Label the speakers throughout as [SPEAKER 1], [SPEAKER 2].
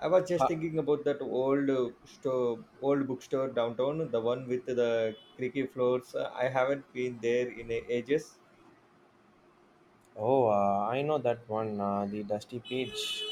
[SPEAKER 1] I was just
[SPEAKER 2] Uh,
[SPEAKER 1] thinking about that old store, old bookstore downtown, the one with the creaky floors. I haven't been there in ages.
[SPEAKER 2] oh, I know that one, the Dusty Peach.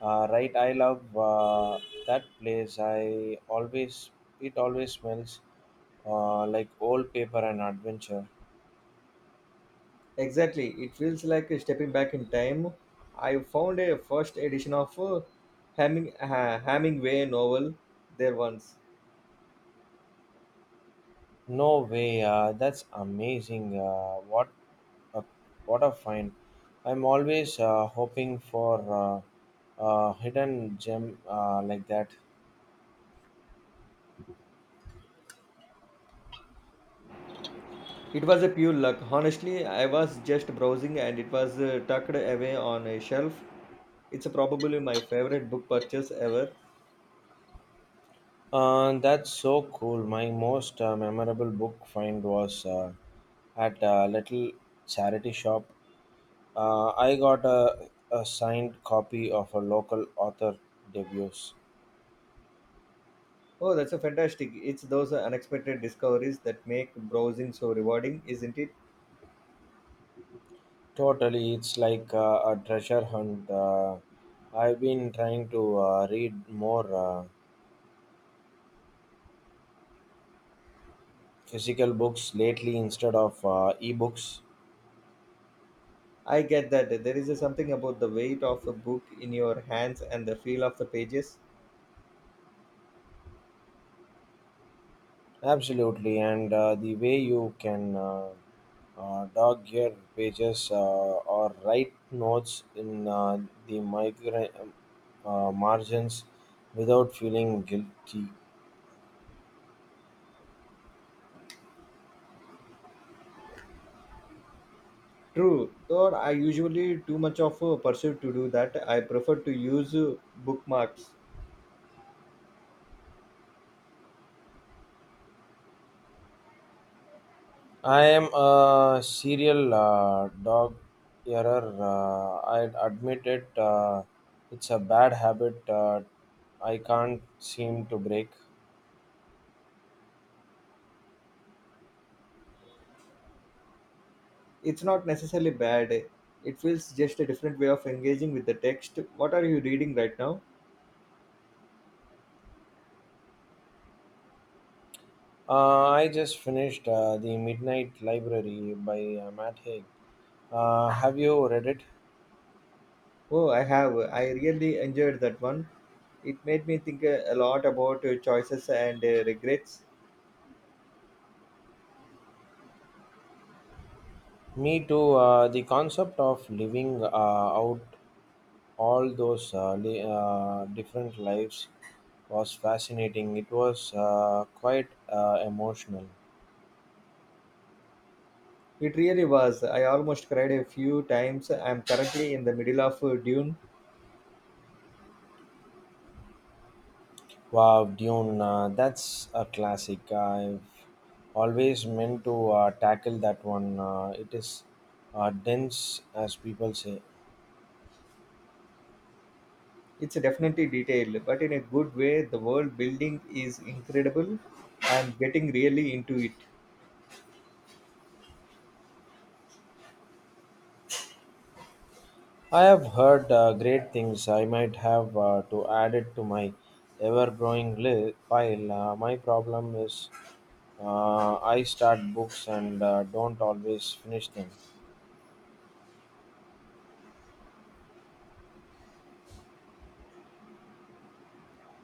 [SPEAKER 2] Right, I love that place. It always smells like old paper and adventure.
[SPEAKER 1] Exactly, it feels like stepping back in time. I found a first edition of a Hemingway novel there once.
[SPEAKER 2] No way, that's amazing. A, what a find! I'm always hoping for a hidden gem like that.
[SPEAKER 1] It was a pure luck. Honestly, I was just browsing and it was tucked away on a shelf. It's probably my favorite book purchase ever.
[SPEAKER 2] That's so cool. My most memorable book find was at a little charity shop. I got a signed copy of a local author debuts.
[SPEAKER 1] Oh, that's a fantastic. It's those unexpected discoveries that make browsing so rewarding, isn't it?
[SPEAKER 2] Totally, it's like a treasure hunt. I've been trying to read more physical books lately instead of ebooks.
[SPEAKER 1] I get that there is something about the weight of a book in your hands and the feel of the pages.
[SPEAKER 2] Absolutely, and the way you can dog your pages or write notes in the migra- um, margins without feeling guilty.
[SPEAKER 1] True, though I usually too much of a pursuit to do that. I prefer to use bookmarks.
[SPEAKER 2] I am a serial dog error. I admit it. It's a bad habit I can't seem to break.
[SPEAKER 1] It's not necessarily bad. It feels just a different way of engaging with the text. What are you reading right now?
[SPEAKER 2] I just finished The Midnight Library by Matt Haig. Have you read it?
[SPEAKER 1] Oh, I have. I really enjoyed that one. It made me think a lot about choices and regrets.
[SPEAKER 2] Me too. The concept of living out all those different lives was fascinating. It was quite emotional.
[SPEAKER 1] It really was. I almost cried a few times. I'm currently in the middle of Dune.
[SPEAKER 2] Wow, Dune, that's a classic. I've always meant to tackle that one. It is dense, as people say.
[SPEAKER 1] It's definitely detailed, but in a good way. The world building is incredible. I'm getting really into it.
[SPEAKER 2] I have heard great things. I might have to add it to my ever growing pile. My problem is I start books and don't always finish them.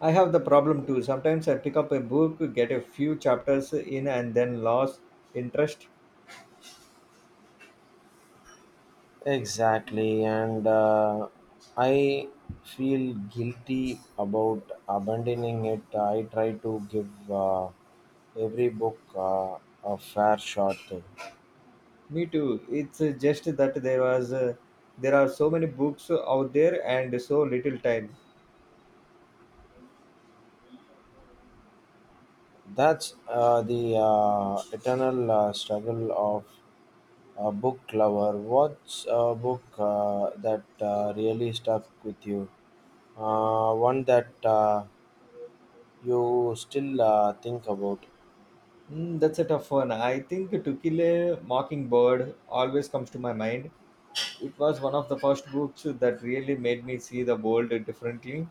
[SPEAKER 1] I have the problem too. Sometimes I pick up a book, get a few chapters in, and then lose interest.
[SPEAKER 2] Exactly, and I feel guilty about abandoning it. I try to give every book a fair shot. Though.
[SPEAKER 1] Me too. It's just that there was, there are so many books out there and so little time.
[SPEAKER 2] That's the eternal struggle of a book lover. What's a book that really stuck with you? One that you still think about.
[SPEAKER 1] Mm, that's a tough one. I think To Kill a Mockingbird always comes to my mind. It was one of the first books that really made me see the world differently.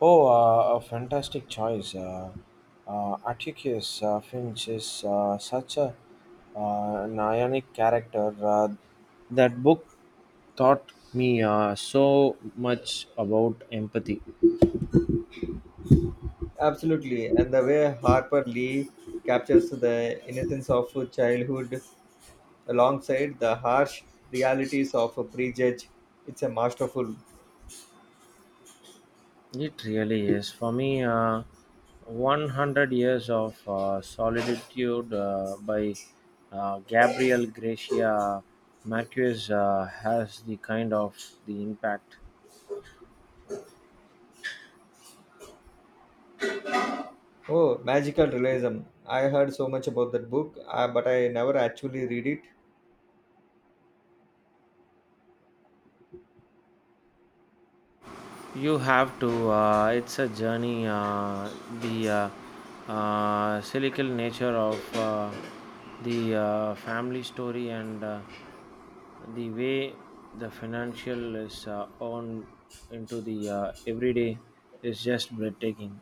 [SPEAKER 2] Oh, a fantastic choice. Atticus Finch is such a an ionic character. That book taught me so much about empathy.
[SPEAKER 1] Absolutely. And the way Harper Lee captures the innocence of childhood alongside the harsh realities of a prejudge, it's a masterful.
[SPEAKER 2] It really is. For me, 100 Years of Solitude by Gabriel Gracia Marquez has the kind of the impact.
[SPEAKER 1] Oh, magical realism. I heard so much about that book, but I never actually read it.
[SPEAKER 2] You have to, it's a journey, the cyclical nature of the family story and the way the financial is on into the everyday is just breathtaking.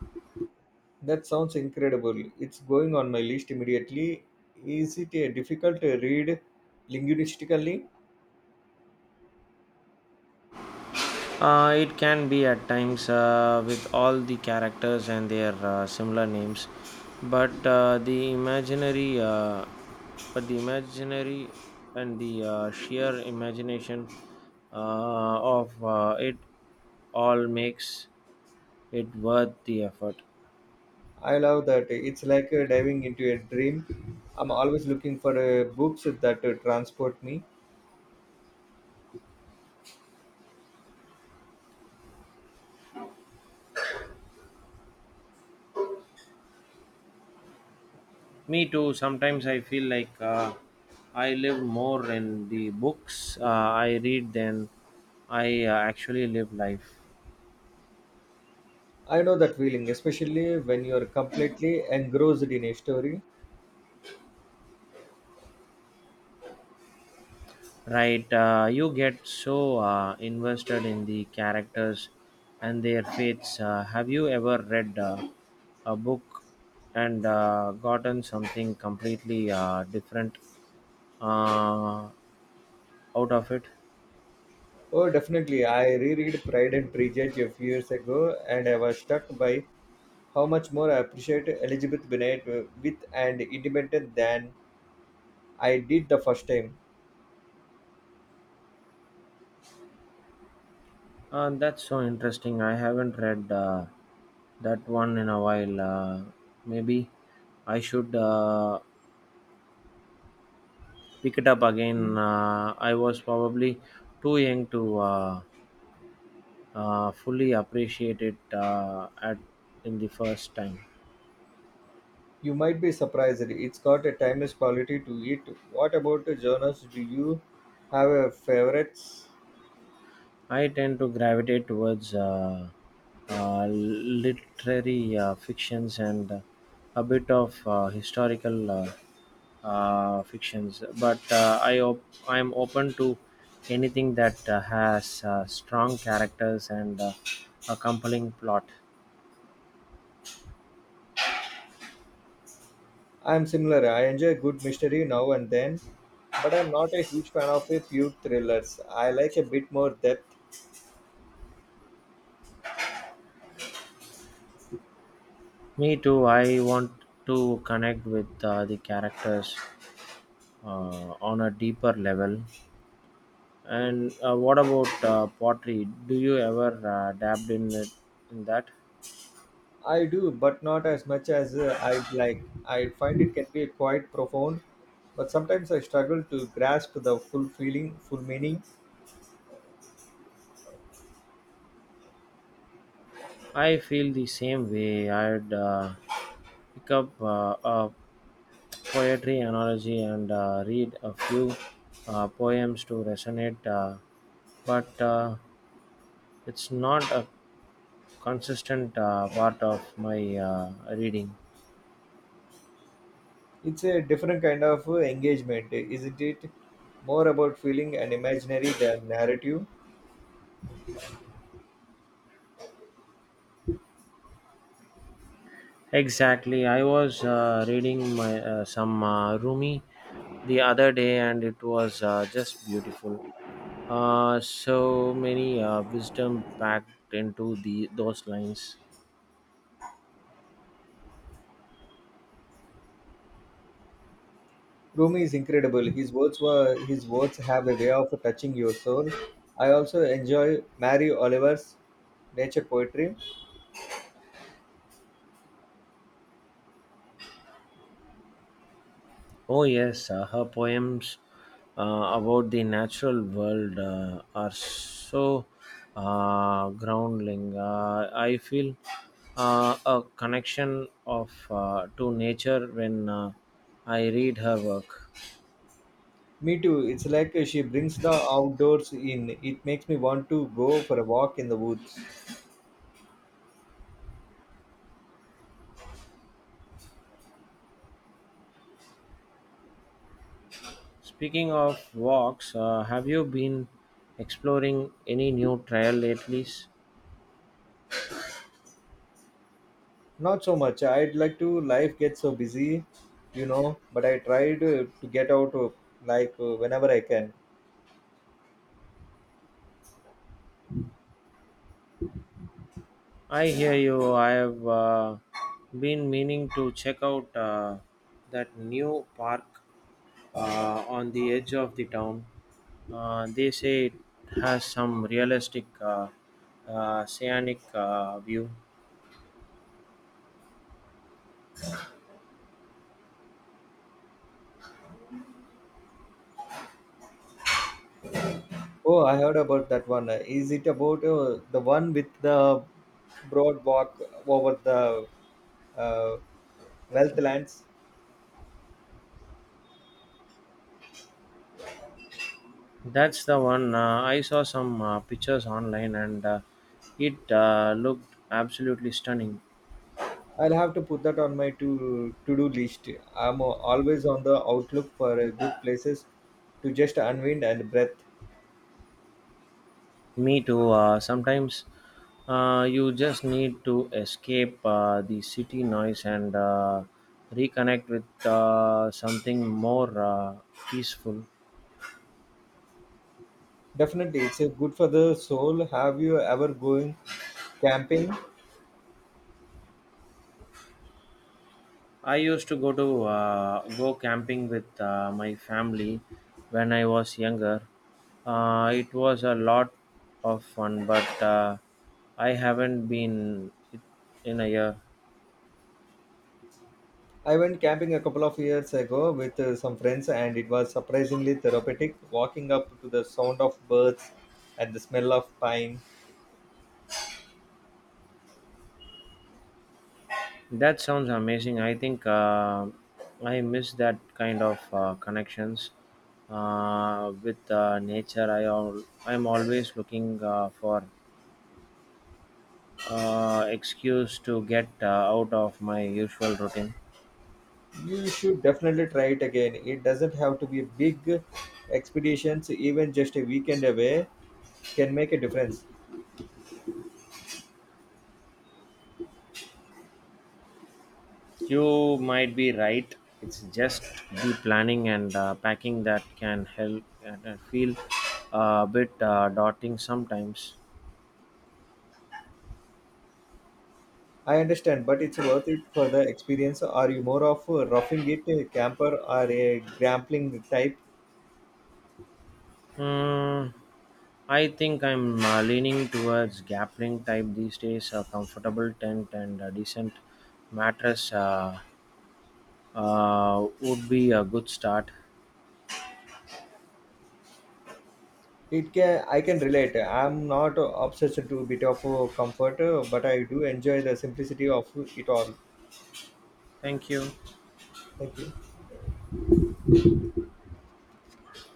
[SPEAKER 1] That sounds incredible. It's going on my list immediately. Is it a difficult read linguistically?
[SPEAKER 2] It can be at times with all the characters and their similar names, but uh, the imaginary, uh, but the imaginary and the sheer imagination of it all makes it worth the effort.
[SPEAKER 1] I love that. It's like diving into a dream. I'm always looking for books that transport me.
[SPEAKER 2] Me too. Sometimes I feel like I live more in the books I read than I actually live life.
[SPEAKER 1] I know that feeling, especially when you're completely engrossed in a story.
[SPEAKER 2] Right? You get so invested in the characters and their fates. Have you ever read a book and gotten something completely different uh, out of it?
[SPEAKER 1] Oh, definitely. I reread Pride and Prejudice a few years ago, and I was struck by how much more I appreciate Elizabeth Bennet with and independent than I did the first time.
[SPEAKER 2] That's so interesting. I haven't read that one in a while. Maybe I should pick it up again. I was probably too young to fully appreciate it at in the first time.
[SPEAKER 1] You might be surprised. It's got a timeless quality to it. What about genres? Do you have a favorites?
[SPEAKER 2] I tend to gravitate towards literary fictions and a bit of historical fictions, but I am open to anything that has strong characters and a compelling plot.
[SPEAKER 1] I'm similar. I enjoy good mystery now and then, but I'm not a huge fan of a pure thrillers. I like a bit more depth.
[SPEAKER 2] Me too. I want to connect with the characters on a deeper level. And what about pottery? Do you ever dabbed in in that?
[SPEAKER 1] I do, but not as much as I'd like. I find it can be quite profound, but sometimes I struggle to grasp the full feeling, full meaning.
[SPEAKER 2] I feel the same way. I'd pick up a poetry analogy and read a few poems to resonate, but it's not a consistent part of my reading.
[SPEAKER 1] It's a different kind of engagement, isn't it? More about feeling and imaginary than narrative.
[SPEAKER 2] Exactly. I was reading my some Rumi the other day, and it was just beautiful. So many wisdom packed into the those lines.
[SPEAKER 1] Rumi is incredible. His words have a way of touching your soul. I also enjoy Mary Oliver's nature poetry.
[SPEAKER 2] Oh yes, her poems about the natural world are so grounding. I feel a connection of to nature when I read her work.
[SPEAKER 1] Me too. It's like she brings the outdoors in. It makes me want to go for a walk in the woods.
[SPEAKER 2] Speaking of walks, have you been exploring any new trail lately?
[SPEAKER 1] Not so much. I'd like to. Life gets so busy, you know. But I try to get out like whenever I can.
[SPEAKER 2] I hear you. I have been meaning to check out that new park on the edge of the town. They say it has some realistic scenic view.
[SPEAKER 1] Oh, I heard about that one. Is it about the one with the broad walk over the uh, wealth lands?
[SPEAKER 2] That's the one. I saw some pictures online and it looked absolutely stunning.
[SPEAKER 1] I'll have to put that on my to do list. I'm always on the outlook for good places to just unwind and breath.
[SPEAKER 2] Me too. Sometimes you just need to escape the city noise and reconnect with something more peaceful.
[SPEAKER 1] Definitely, it's good for the soul. Have you ever going camping?
[SPEAKER 2] I used to go camping with my family when I was younger. It was a lot of fun, but I haven't been in a year.
[SPEAKER 1] I went camping a couple of years ago with some friends, and it was surprisingly therapeutic. Walking up to the sound of birds and the smell of pine.
[SPEAKER 2] That sounds amazing. I think I miss that kind of connections with nature. I'm always looking for excuse to get out of my usual routine.
[SPEAKER 1] You should definitely try it again. It doesn't have to be big expeditions. Even just a weekend away can make a difference.
[SPEAKER 2] You might be right. It's just the planning and packing that can help and feel a bit daunting sometimes.
[SPEAKER 1] I understand, but it's worth it for the experience. Are you more of a roughing it a camper or a grappling type?
[SPEAKER 2] Hmm. I think I'm leaning towards Gapling type these days. A comfortable tent and a decent mattress would be a good start.
[SPEAKER 1] It can I can relate. I'm not obsessed to a bit of comfort, but I do enjoy the simplicity of it all.
[SPEAKER 2] Thank you.
[SPEAKER 1] Thank you.